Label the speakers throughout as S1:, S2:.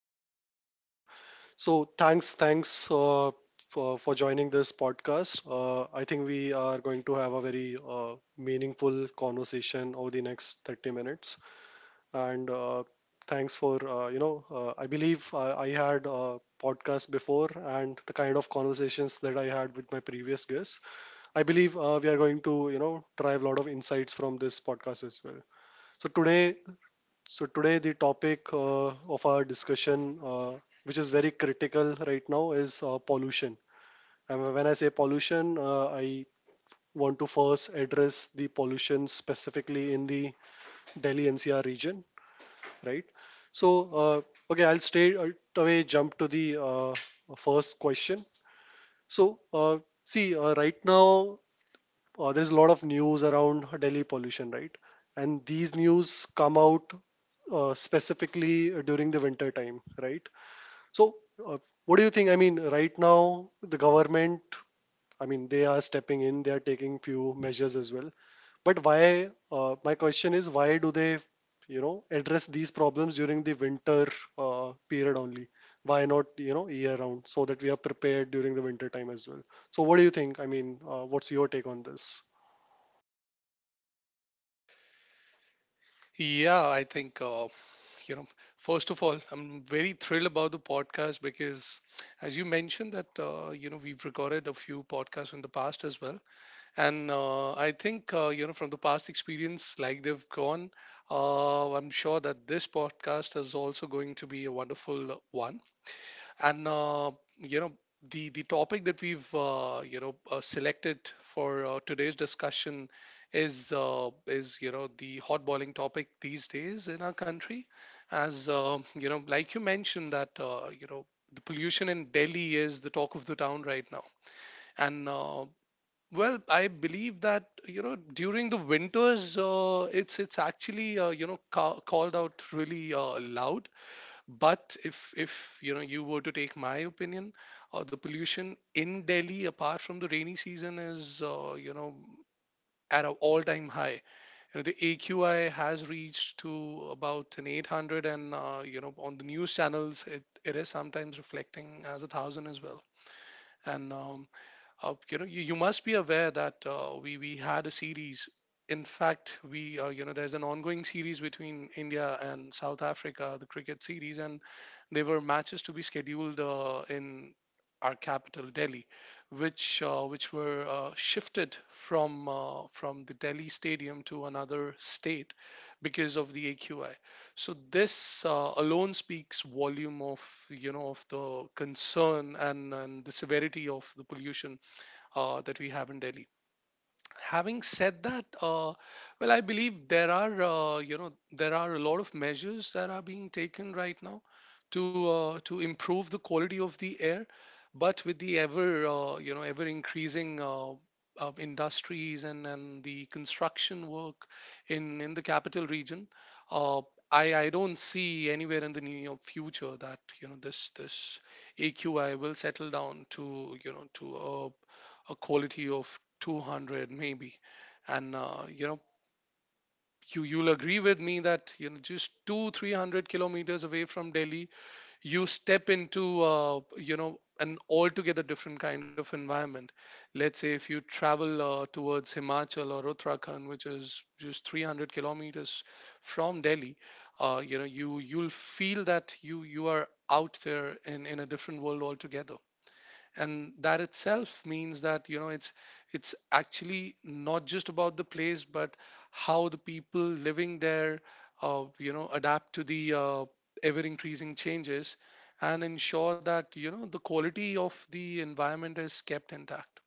S1: think we are live. So thanks for joining this podcast. I think we are going to have a very meaningful conversation over the next 30 minutes. And thanks for you know I believe I had a podcast before and the kind of conversations that I had with my previous guests. I believe we are going to drive a lot of insights from this podcast as well. So today so today the topic of our discussion, which is very critical right now, is pollution. And when I say pollution, I want to first address the pollution specifically in the Delhi NCR region, right? So uh, okay, I'll straight away jump to the first question. So uh, right now there's a lot of news around Delhi pollution, right? And these news come out specifically during the winter time, right? So, uh, what do you think? Right now, the government, they are stepping in, they are taking few measures as well. But why, my question is, why do they, you know, address these problems during the winter period only? Why not, you know, year round so that we are prepared during the winter time as well? So, what do you think? What's your take on this?
S2: Yeah, I think, you know, first of all, I'm very thrilled about the podcast because, as you mentioned, that, we've recorded a few podcasts in the past as well. And I think, from the past experience, like they've gone, I'm sure that this podcast is also going to be a wonderful one. And you know the topic that we've selected for today's discussion is the hot boiling topic these days in our country, as like you mentioned that the pollution in Delhi is the talk of the town right now, and I believe that you know during the winters, it's actually called out really loud. But if you know you were to take my opinion, the pollution in Delhi, apart from the rainy season, is at an all-time high. You know, the AQI has reached to about an 800, and on the news channels it is sometimes reflecting as a thousand as well. And you must be aware that we had a series. In fact we there's an ongoing series between India and South Africa, the cricket series, and there were matches to be scheduled in our capital Delhi, which were shifted from the Delhi stadium to another state because of the AQI. So this alone speaks volume of you know of the concern and the severity of the pollution that we have in Delhi. Having said that, I believe there are there are a lot of measures that are being taken right now to improve the quality of the air. But with the ever ever increasing industries and the construction work in the capital region, uh, I don't see anywhere in the near future that you know this AQI will settle down to you know to a quality of 200 maybe. And you you'll agree with me that you know just two 300 kilometers away from Delhi, you step into an altogether different kind of environment. Let's say if you travel towards Himachal or Uttarakhand, which is just 300 kilometers from Delhi, you you'll feel that you are out there in a different world altogether. And that itself means that you know it's actually not just about the place but how the people living there adapt to the ever increasing changes and ensure that you know the quality of the environment is kept intact.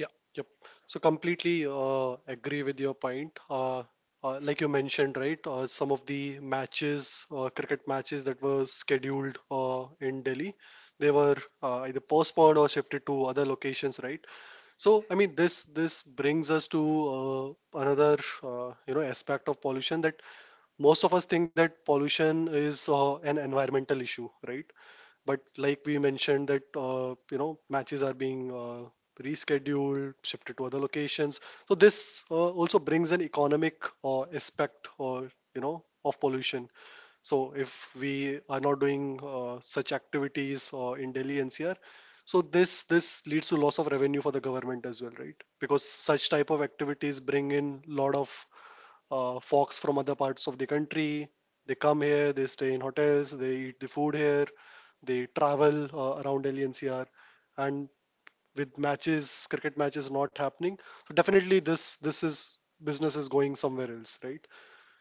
S2: Yeah,
S1: Yep. So completely agree with your point. Like you mentioned, right? Some of the matches, cricket matches that were scheduled in Delhi, they were either postponed or shifted to other locations, right? So, I mean, this brings us to another aspect of pollution that most of us think that pollution is an environmental issue, right, but like we mentioned that matches are being rescheduled, shifted to other locations. So this also brings an economic aspect, or you know, of pollution. So if we are not doing such activities in Delhi NCR, so this leads to loss of revenue for the government as well, right? Because such type of activities bring in lot of folks from other parts of the country. They come here, they stay in hotels, they eat the food here, they travel around Delhi NCR, and with matches, cricket matches not happening, so definitely this is business is going somewhere else, right?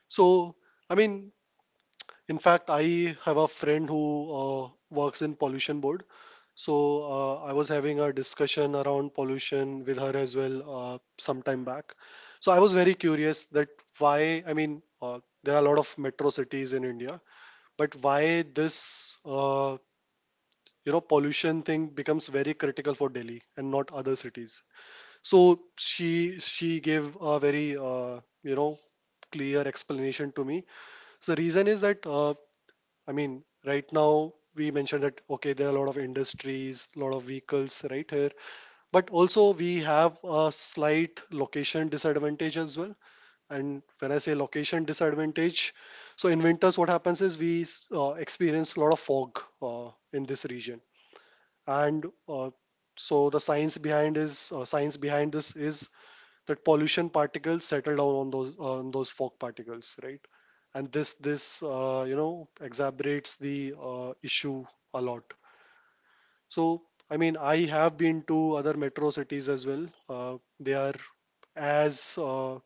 S1: So I mean, in fact, I have a friend who works in pollution board. So I was having a discussion around pollution with her as well some time back. So I was very curious that why, I mean, there are a lot of metro cities in India, but why this, you know, pollution thing becomes very critical for Delhi and not other cities. So she gave a very clear explanation to me. So the reason is that I mean, right now we mentioned that okay, there are a lot of industries, a lot of vehicles right here, but also we have a slight location disadvantage as well. And when I say location disadvantage, so in winters what happens is we experience a lot of fog in this region, and so the science behind is science behind this is that pollution particles settle down on those fog particles, right? And this exacerbates the issue a lot. So I mean, I have been to other metro cities as well. They are as uh,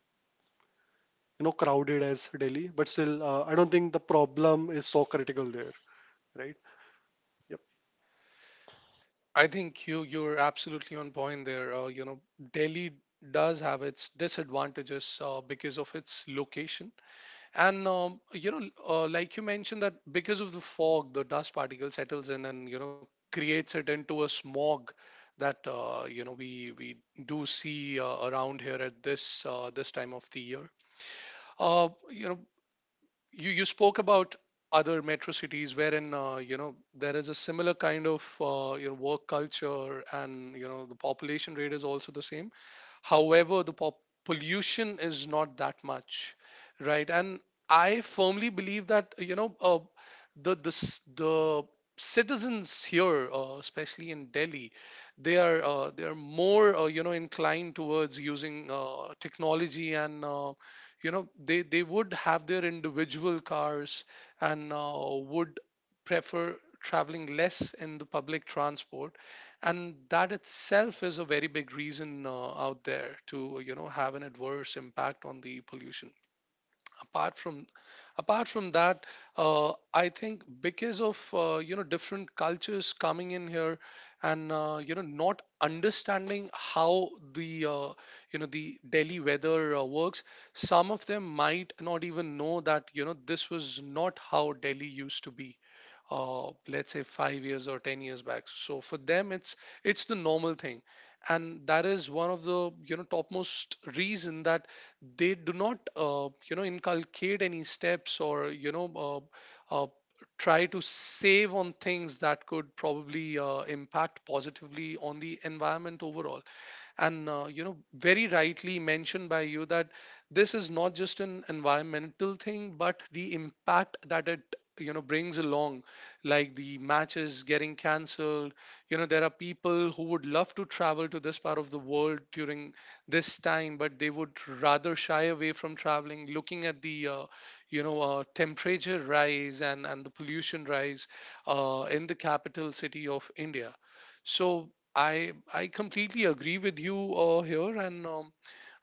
S1: you know crowded as Delhi, but still, I don't think the problem is so critical there, right? Yep.
S2: I think you you're absolutely on point there. Delhi does have its disadvantages because of its location. And like you mentioned, that because of the fog, the dust particle settles in and you know creates it into a smog that we do see around here at this time of the year. Uh, you know, you you spoke about other metro cities wherein there is a similar kind of work culture and you know the population rate is also the same. However, the pollution is not that much, right? And I firmly believe that the citizens here, especially in Delhi, they are more inclined towards using technology, and they would have their individual cars and would prefer traveling less in the public transport. And that itself is a very big reason out there to you know have an adverse impact on the pollution. Apart from that, I think because of different cultures coming in here and not understanding how the uh, you know the Delhi weather works, some of them might not even know that you know this was not how Delhi used to be, uh, let's say 5 years or 10 years back. So for them it's the normal thing, and that is one of the you know topmost reason that they do not inculcate any steps or uh, uh, try to save on things that could probably impact positively on the environment overall. And very rightly mentioned by you that this is not just an environmental thing but the impact that it you know brings along, like the matches getting cancelled. You know, there are people who would love to travel to this part of the world during this time but they would rather shy away from traveling, looking at the temperature rise and the pollution rise in the capital city of India. So I completely agree with you here, and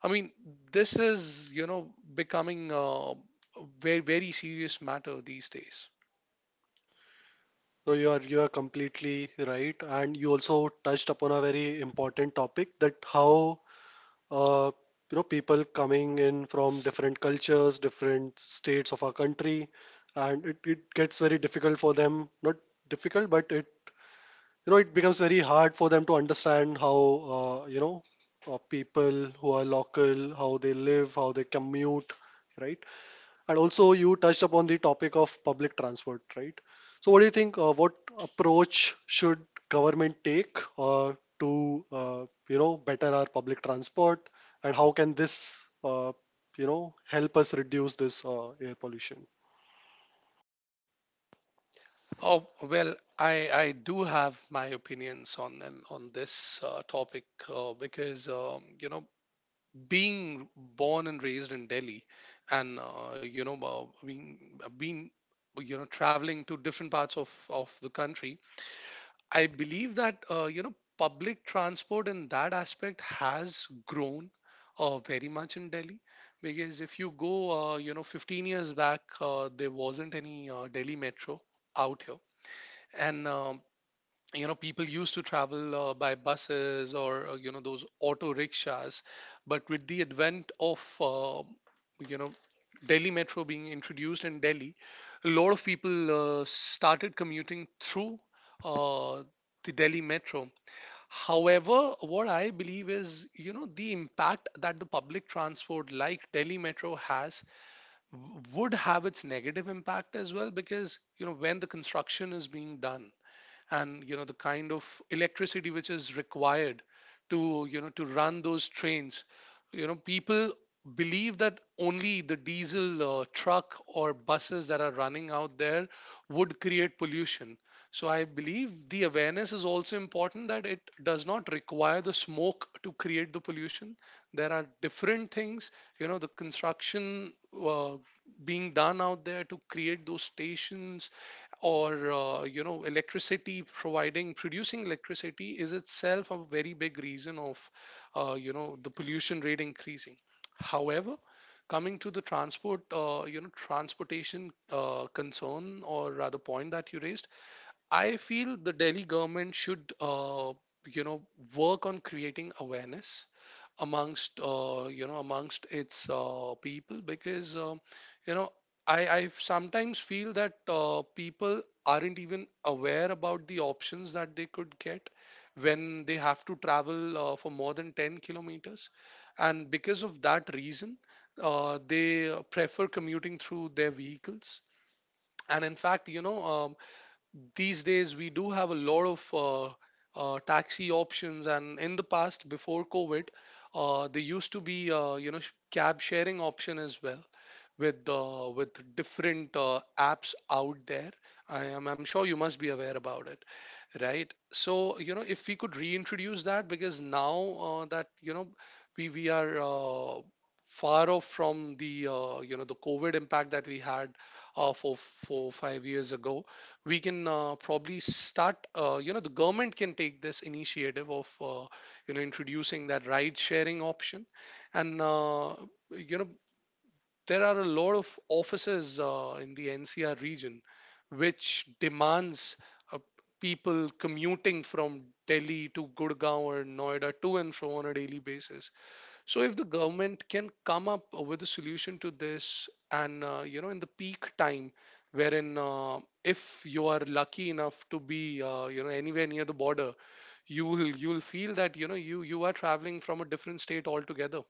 S2: I mean this is you know becoming a very very serious matter these days.
S1: So you are completely right, and you also touched upon a very important topic that how uh, people coming in from different cultures, different states of our country, and it gets very difficult for them, not difficult, but it you know it becomes very hard for them to understand how uh, you know people who are local, how they live, how they commute, right? And also, you touched upon the topic of public transport, right? So, what do you think? What approach should government take to better our public transport, and how can this help us reduce this air pollution?
S2: Oh well, I do have my opinions on this topic because being born and raised in Delhi, and being you know traveling to different parts of the country. I believe that public transport in that aspect has grown very much in Delhi because if you go 15 years back, there wasn't any Delhi metro out here, and people used to travel by buses or those auto rickshaws. But with the advent of you know Delhi metro being introduced in Delhi, a lot of people started commuting through uh, the Delhi metro. However, what I believe is you know the impact that the public transport like Delhi metro has would have its negative impact as well, because you know when the construction is being done and you know the kind of electricity which is required to you know to run those trains, you know people believe that only the diesel truck or buses that are running out there would create pollution. So I believe the awareness is also important, that it does not require the smoke to create the pollution. There are different things, you know the construction uh, being done out there to create those stations, or electricity providing producing electricity is itself a very big reason of the pollution rate increasing. However, coming to the transport transportation concern or rather point that you raised, I feel the Delhi government should you know work on creating awareness amongst amongst its people, because you know I sometimes feel that people aren't even aware about the options that they could get when they have to travel for more than 10 kilometers. And because of that reason, they prefer commuting through their vehicles. And in fact these days we do have a lot of taxi options, and in the past before COVID, there used to be cab sharing option as well with different apps out there. I'm sure you must be aware about it, right? So you know if we could reintroduce that, because now that you know we are far off from the the COVID impact that we had for 4 5 years ago, we can probably start. The government can take this initiative of introducing that ride sharing option. And you know there are a lot of offices in the NCR region which demands uh, people commuting from Delhi to Gurgaon or Noida to and fro on a daily basis. So if the government can come up with a solution to this, and in the peak time wherein if you are lucky enough to be anywhere near the border, you will feel that you know you are traveling from a different state altogether.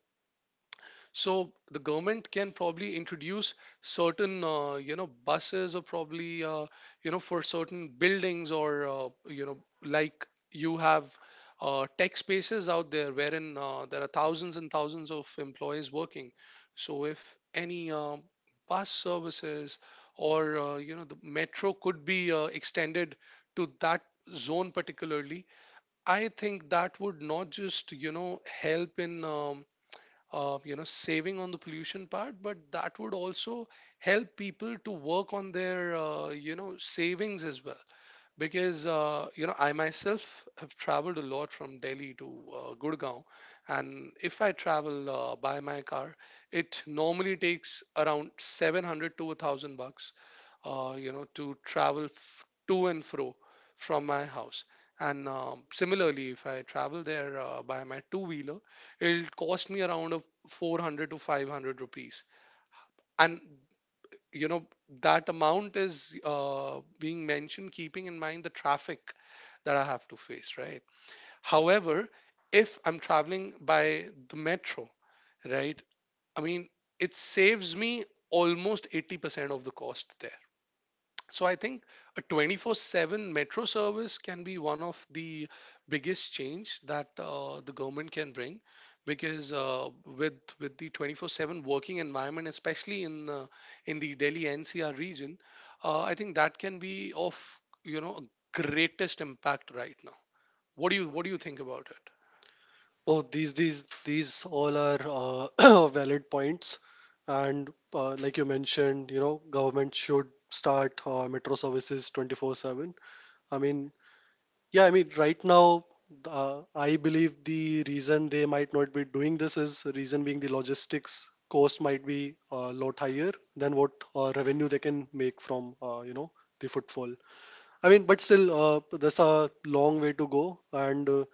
S2: So the government can probably introduce certain, buses, or probably, for certain buildings, or, like you have tech spaces out there wherein there are thousands and thousands of employees working. So if any bus services or, the metro could be extended to that zone particularly, I think that would not just, you know, help in. Saving on the pollution part, but that would also help people to work on their savings as well, because I myself have traveled a lot from Delhi to Gurgaon. And if I travel by my car, it normally takes around 700 to 1000 bucks, to travel to and fro from my house. And similarly, if I travel there by my two wheeler, it'll cost me around of 400 to 500 rupees. And you know, that amount is being mentioned, keeping in mind the traffic that I have to face, right? However, if I'm traveling by the metro, right, I mean, it saves me almost 80% of the cost there. So I think a 24/7 metro service can be one of the biggest change that the government can bring, because with the 24/7 working environment, especially in the Delhi NCR region, I think that can be of, you know greatest impact right now. What do you think about it?
S1: Oh, these these all are valid points, and like you mentioned, you know, government should start metro services 24/7. I mean, Yeah, I mean, right now, I believe the reason they might not be doing this is reason being the logistics cost might be a lot higher than what revenue they can make from the footfall. I mean, but still, there's a long way to go, and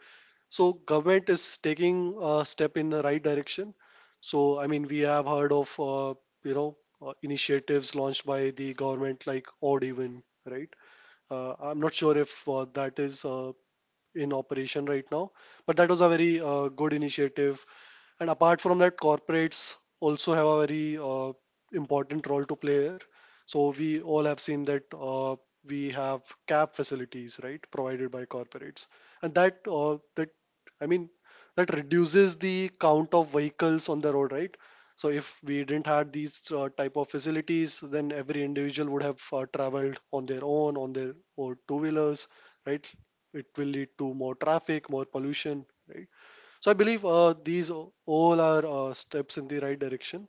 S1: so government is taking a step in the right direction. So I mean, we have heard of initiatives launched by the government like odd even, right? I'm not sure if that is in operation right now. But that was a very good initiative, and apart from that, corporates also have a very important role to play here. So we all have seen that we have cab facilities, right, provided by corporates, and that I mean that reduces the count of vehicles on the road, right? So if we didn't have these type of facilities, then every individual would have traveled on their own, on their or two wheelers, right? It will lead to more traffic, more pollution, right? So I believe these all are steps in the right direction.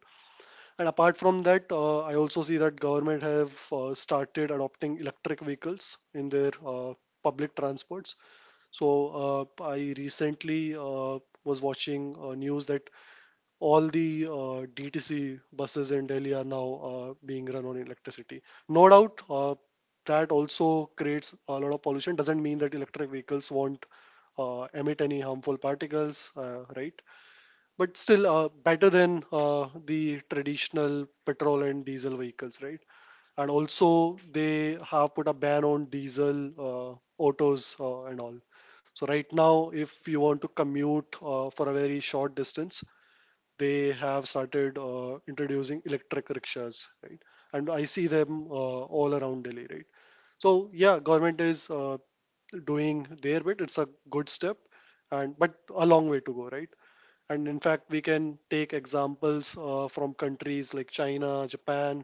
S1: And apart from that, I also see that government have started adopting electric vehicles in their public transports. So I recently was watching news that all the DTC buses in Delhi are now being run on electricity. No doubt that also creates a lot of pollution. Doesn't mean that electric vehicles won't emit any harmful particles, right? But still, better than the traditional petrol and diesel vehicles, right? And also, they have put a ban on diesel autos and all. So right now, if you want to commute for a very short distance, they have started introducing electric rickshaws, right? And I see them all around Delhi, right? So yeah, government is doing their bit. It's a good step, and but a long way to go, right? And in fact we can take examples from countries like China, Japan,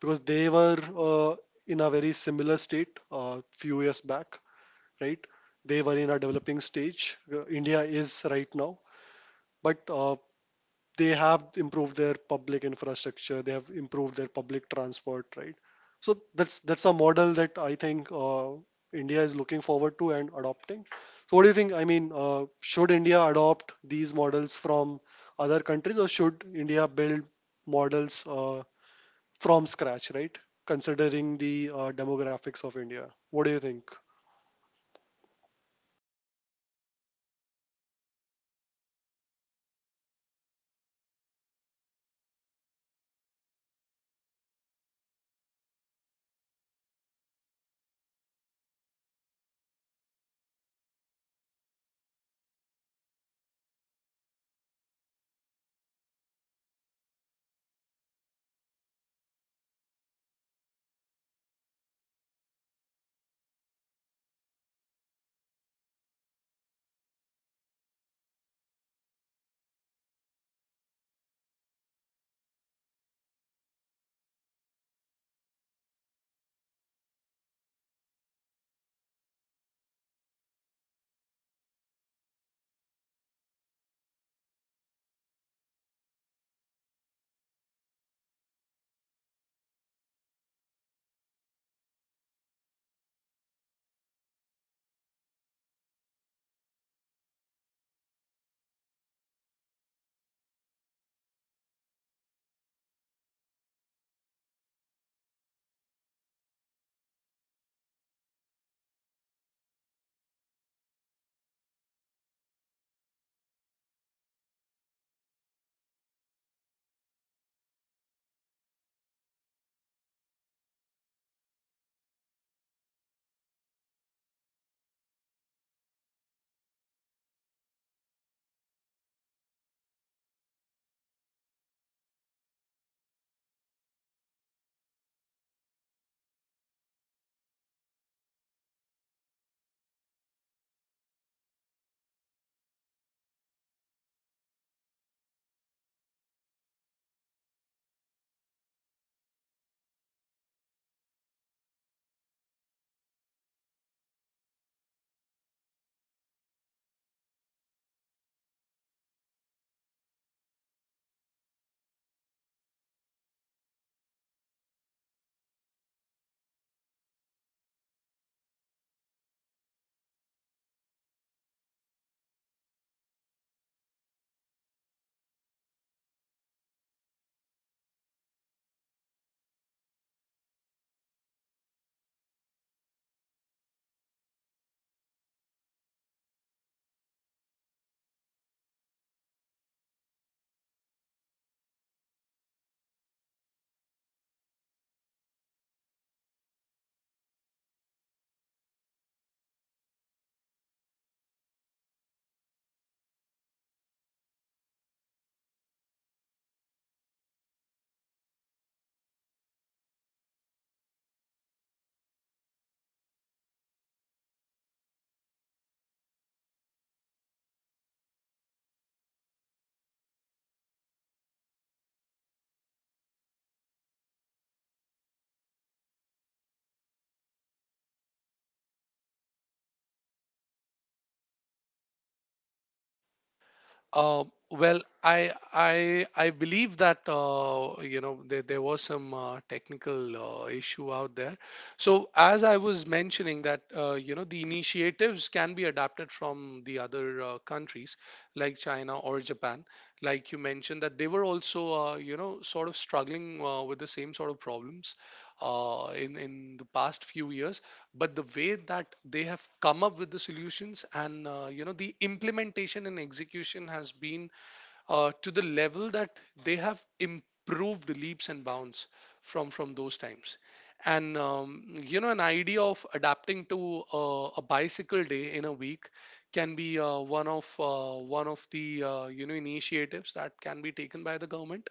S1: because they were uh, in a very similar state few years back, right? They were in a developing stage. India is right now, but they have improved their public infrastructure, they have improved their public transport, right? So that's a model that I think India is looking forward to and adopting. So what do you think? Should India adopt these models from other countries, or should India build models from scratch, right, considering the demographics of India? What do you think?
S2: Uh, well, I believe that there, there was some technical issue out there. So as I was mentioning, that the initiatives can be adapted from the other countries like China or Japan, like you mentioned that they were also sort of struggling with the same sort of problems in the past few years. But the way that they have come up with the solutions and the implementation and execution has been to the level that they have improved leaps and bounds from those times. And an idea of adapting to a bicycle day in a week can be one of the initiatives that can be taken by the government,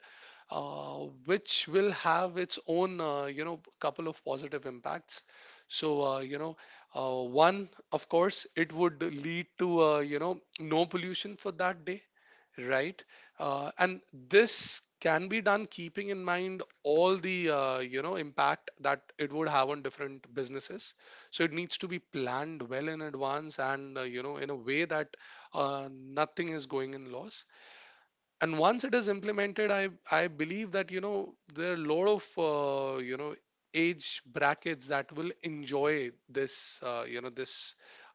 S2: which will have its own couple of positive impacts. So one, of course, it would lead to no pollution for that day, right? And this can be done keeping in mind all the impact that it would have on different businesses. So it needs to be planned well in advance, and in a way that nothing is going in loss. And once it is implemented, I believe that, you know, there are a lot of uh, you know age brackets that will enjoy this this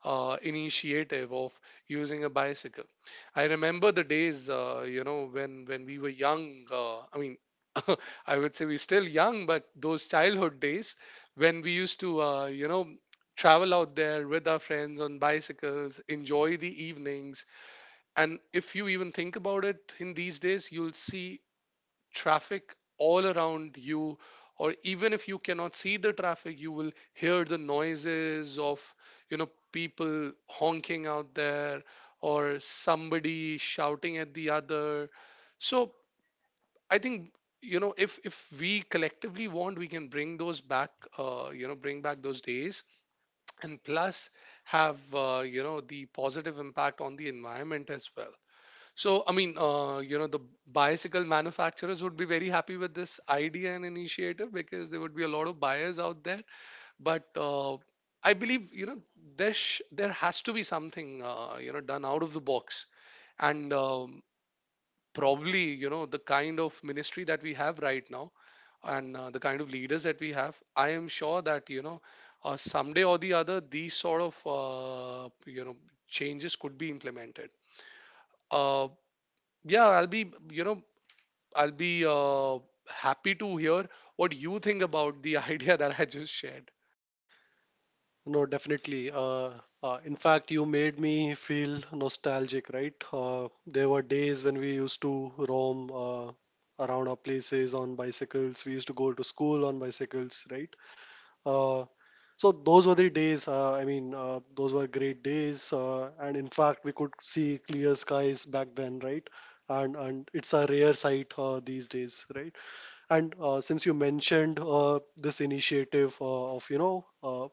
S2: initiative of using a bicycle. I remember the days, when we were young, I mean, I would say we're still young, but those childhood days when we used to travel out there with our friends on bicycles, enjoy the evenings. And if you even think about it in these days, you'll see traffic all around you. Or even if you cannot see the traffic, you will hear the noises of, people honking out there, or somebody shouting at the other. So I think, if we collectively want, we can bring those back, bring back those days, and plus have, the positive impact on the environment as well. So, I mean, the bicycle manufacturers would be very happy with this idea and initiative, because there would be a lot of buyers out there. But I believe, there has to be something, done out of the box. And probably, the kind of ministry that we have right now and the kind of leaders that we have, I am sure that, someday or the other, these sort of, changes could be implemented. Uh, yeah, I'll be, I'll be happy to hear what you think about the idea that I just shared.
S1: No, definitely. In fact, you made me feel nostalgic, right? There were days when we used to roam around our places on bicycles. We used to go to school on bicycles, right? Uh, so those were the days. I mean, those were great days. And in fact, we could see clear skies back then, right? And it's a rare sight these days, right? And since you mentioned this initiative of, you know,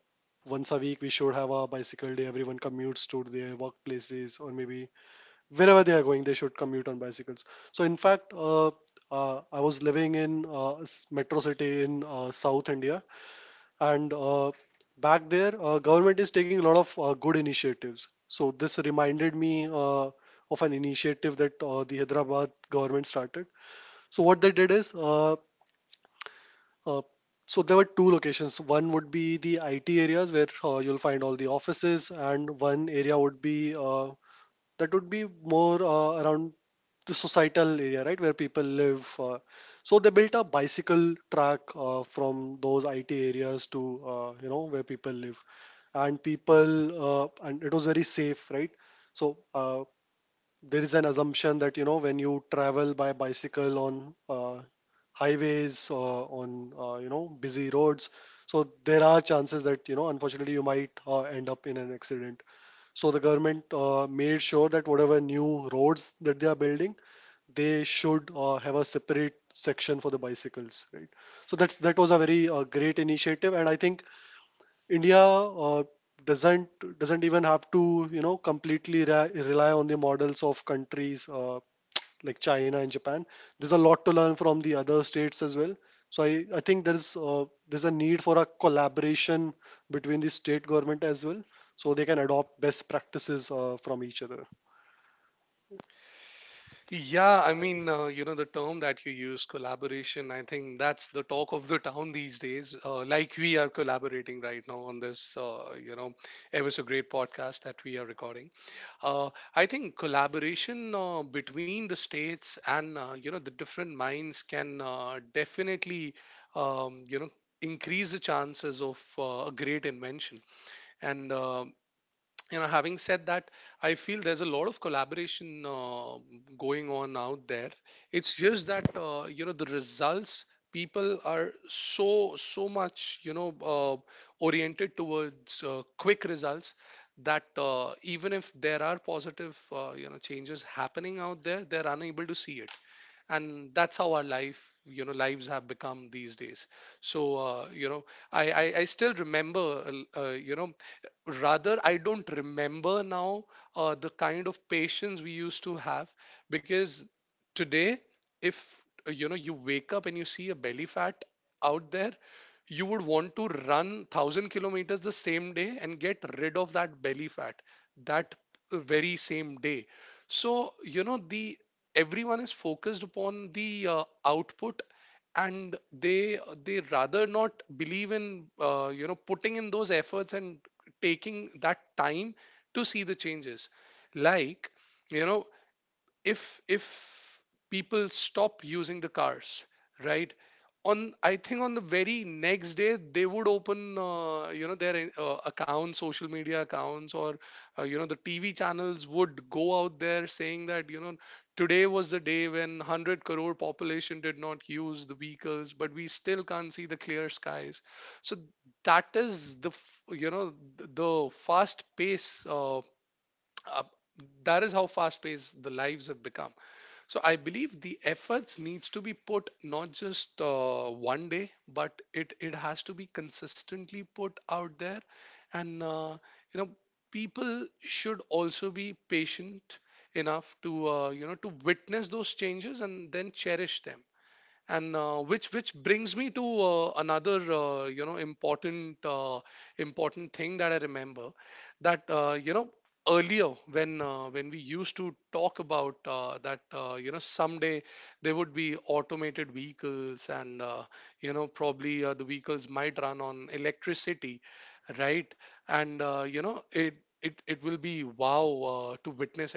S1: once a week we should have a bicycle day, everyone commutes to their workplaces or maybe wherever they are going, they should commute on bicycles. So, in fact, I was living in metro city in South India, and back there, government is taking a lot of good initiatives. So, this reminded me of an initiative that the Hyderabad government started. So what they did is uh, so there were two locations. One would be the IT areas where you'll find all the offices, and one area would be that would be more around the societal area, right, where people live. So they built a bicycle track from those IT areas to where people live, and people and it was very safe, right? So there is an assumption that you know when you travel by bicycle on highways or on busy roads, so there are chances that you know unfortunately you might end up in an accident. So the government made sure that whatever new roads that they are building, they should have a separate section for the bicycles, right? So that's that was a very great initiative, and I think India doesn't even have to you know completely rely on the models of countries like China and Japan. There's a lot to learn from the other states as well. So I think there's a need for a collaboration between the state government as well, so they can adopt best practices from each other.
S2: Yeah, I mean, the term that you use, collaboration, I think that's the talk of the town these days. Like we are collaborating right now on this, ever so great podcast that we are recording. Uh, I think collaboration between the states and, the different minds can definitely, um, you know, increase the chances of a great invention. And having said that, I feel there's a lot of collaboration going on out there. It's just that the results, people are so so much you know uh, oriented towards quick results, that even if there are positive changes happening out there, they're unable to see it. And that's how our life, lives have become these days. So I still remember rather I don't remember now the kind of patience we used to have. Because today, if you wake up and you see a belly fat out there, you would want to run 1000 kilometers the same day and get rid of that belly fat that very same day. So, you know, the, everyone is focused upon the output, and they rather not believe in putting in those efforts and taking that time to see the changes. Like, you know, if people stop using the cars, right, on, I think on the very next day they would open their accounts, social media accounts, or the tv channels would go out there saying that, you know, today was the day when 100 crore population did not use the vehicles, but we still can't see the clear skies. So that is the the fast pace uh, that is how fast paced the lives have become. So I believe the efforts needs to be put not just one day, but it has to be consistently put out there, and you know people should also be patient enough to to witness those changes and then cherish them. And which brings me to another important thing that I remember, that earlier when when we used to talk about that someday there would be automated vehicles, and probably the vehicles might run on electricity, right. And it will be wow to witness.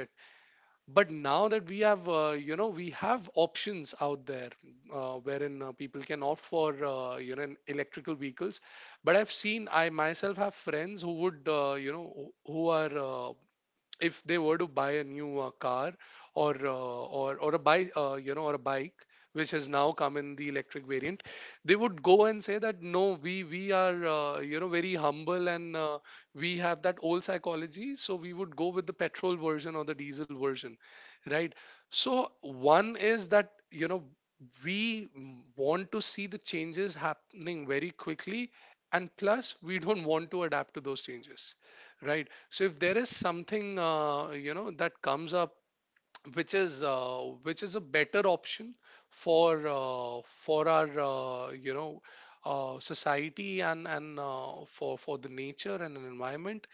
S2: But now that we have, we have options out there wherein people can opt for electrical vehicles. But I've seen, I myself have friends who would, who are if they were to buy a new car, or a bike, which has now come in the electric variant, they would go and say that no, we are very humble, and we have that old psychology, so we would go with the petrol version or the diesel version, right. So one is that, you know, we want to see the changes happening very quickly, and plus we don't want to adapt to those changes, right. So if there is something, that comes up, which is uh, which is a better option for our society, and for the nature and an environment,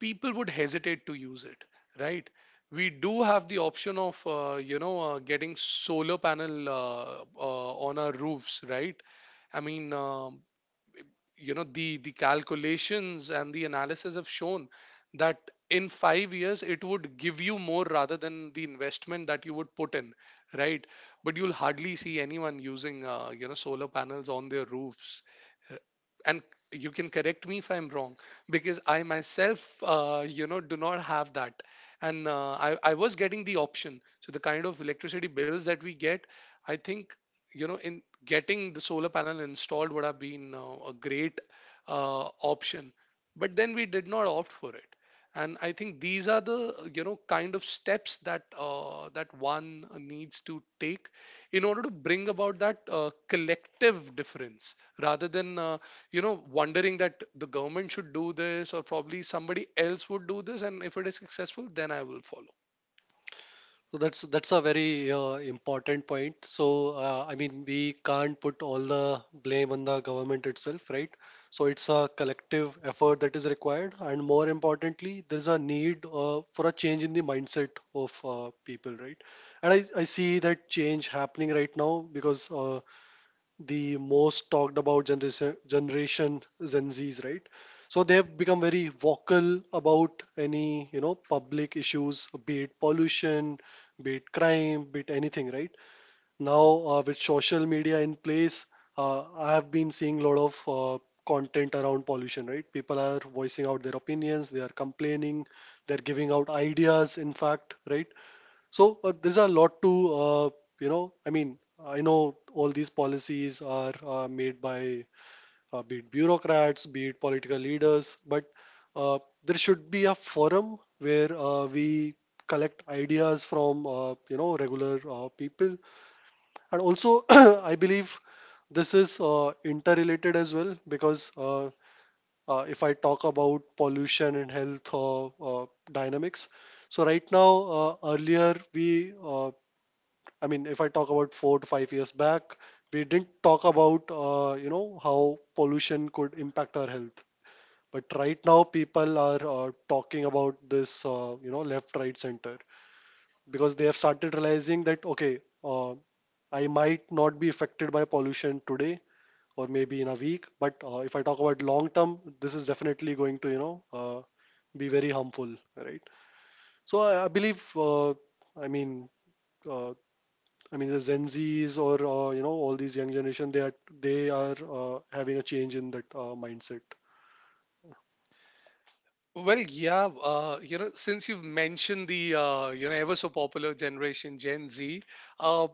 S2: people would hesitate to use it, right? We do have the option of getting solar panel on our roofs, right? I mean, the calculations and the analysis have shown that in 5 years it would give you more rather than the investment that you would put in, right. But you'll hardly see anyone using solar panels on their roofs. Uh, and you can correct me if I'm wrong, because I myself do not have that. And I was getting the option. So the kind of electricity bills that we get, I think, you know in getting the solar panel installed would have been a great option, but then we did not opt for it. And I think these are the, you know, kind of steps that one needs to take in order to bring about that collective difference, rather than wondering that the government should do this, or probably somebody else would do this, and if it is successful then I will follow.
S1: So that's a very important point. So I mean, we can't put all the blame on the government itself, right? So it's a collective effort that is required, and more importantly, there's a need for a change in the mindset of people, right? And I see that change happening right now because the most talked about generation, Gen Zs, right? So they've become very vocal about any you know public issues, be it pollution, be it crime, be it anything, right? Now with social media in place, I have been seeing a lot of content around pollution, right? People are voicing out their opinions, they are complaining, they're giving out ideas, in fact, right? So there's a lot to, you know, I mean, I know all these policies are made by be it bureaucrats, be it political leaders, but uh, there should be a forum where we collect ideas from, you know, regular people. And also, I believe this is interrelated as well because if I talk about pollution and health dynamics, so right now, earlier we I mean, if I talk about 4 to 5 years back, we didn't talk about, you know, how pollution could impact our health. But right now, people are talking about this, you know, left, right, center, because they have started realizing that, okay, I might not be affected by pollution today or maybe in a week, but if I talk about long term, this is definitely going to, you know, be very harmful, right? So I believe, I mean, uh, the Gen Zs or all these young generation, they are having a change in that mindset.
S2: Well, yeah, since you've mentioned the ever so popular generation Gen Z, uh,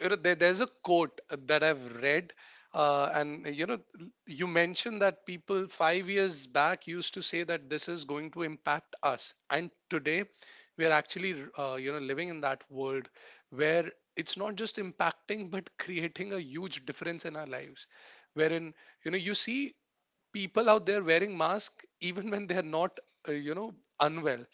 S2: there, there's a quote that I've read, uh, and you know, you mentioned that people 5 years back used to say that this is going to impact us, and today we are actually living in that world where it's not just impacting but creating a huge difference in our lives, wherein, you know, you see people out there wearing masks even when they're not, uh, you know, unwell.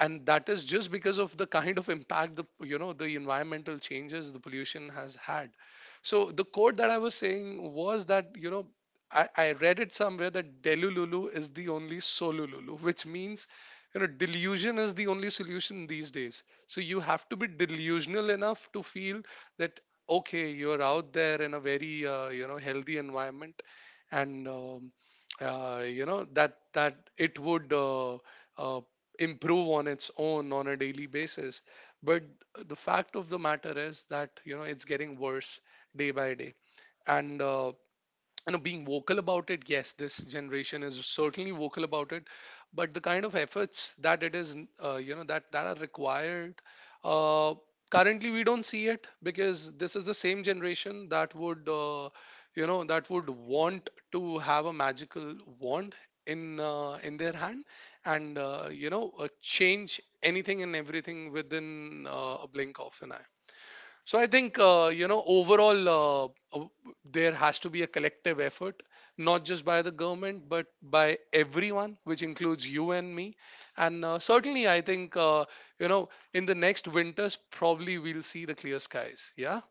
S2: And that is just because of the kind of impact the, you know, the environmental changes, the pollution has had. So the quote that I was saying was that, you know, I read it somewhere, that delululu is the only solululu, which means, you know, delusion is the only solution these days. So you have to be delusional enough to feel that okay, you're out there in a very healthy environment, and that that it would uh, improve on its own on a daily basis. But the fact of the matter is that, you know, it's getting worse day by day. And being vocal about it, yes, this generation is certainly vocal about it. But the kind of efforts that it is that are required, uh, currently we don't see it, because this is the same generation that would, that would want to have a magical wand in their hand, and change anything and everything within a blink of an eye. So I think overall uh, there has to be a collective effort, not just by the government, but by everyone, which includes you and me. And certainly, I think you know in the next winters probably we'll see the clear skies. Yeah,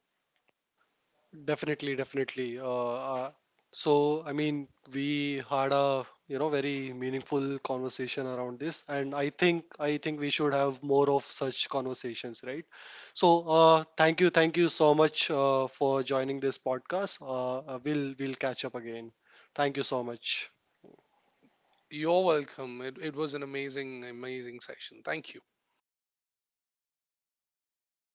S1: Definitely, definitely. So, I mean, we had a you know very meaningful conversation around this, and I think we should have more of such conversations, right? So, thank you so much for joining this podcast. We'll catch up again. Thank you so much.
S2: you're welcome. It was an amazing, amazing session. Thank you.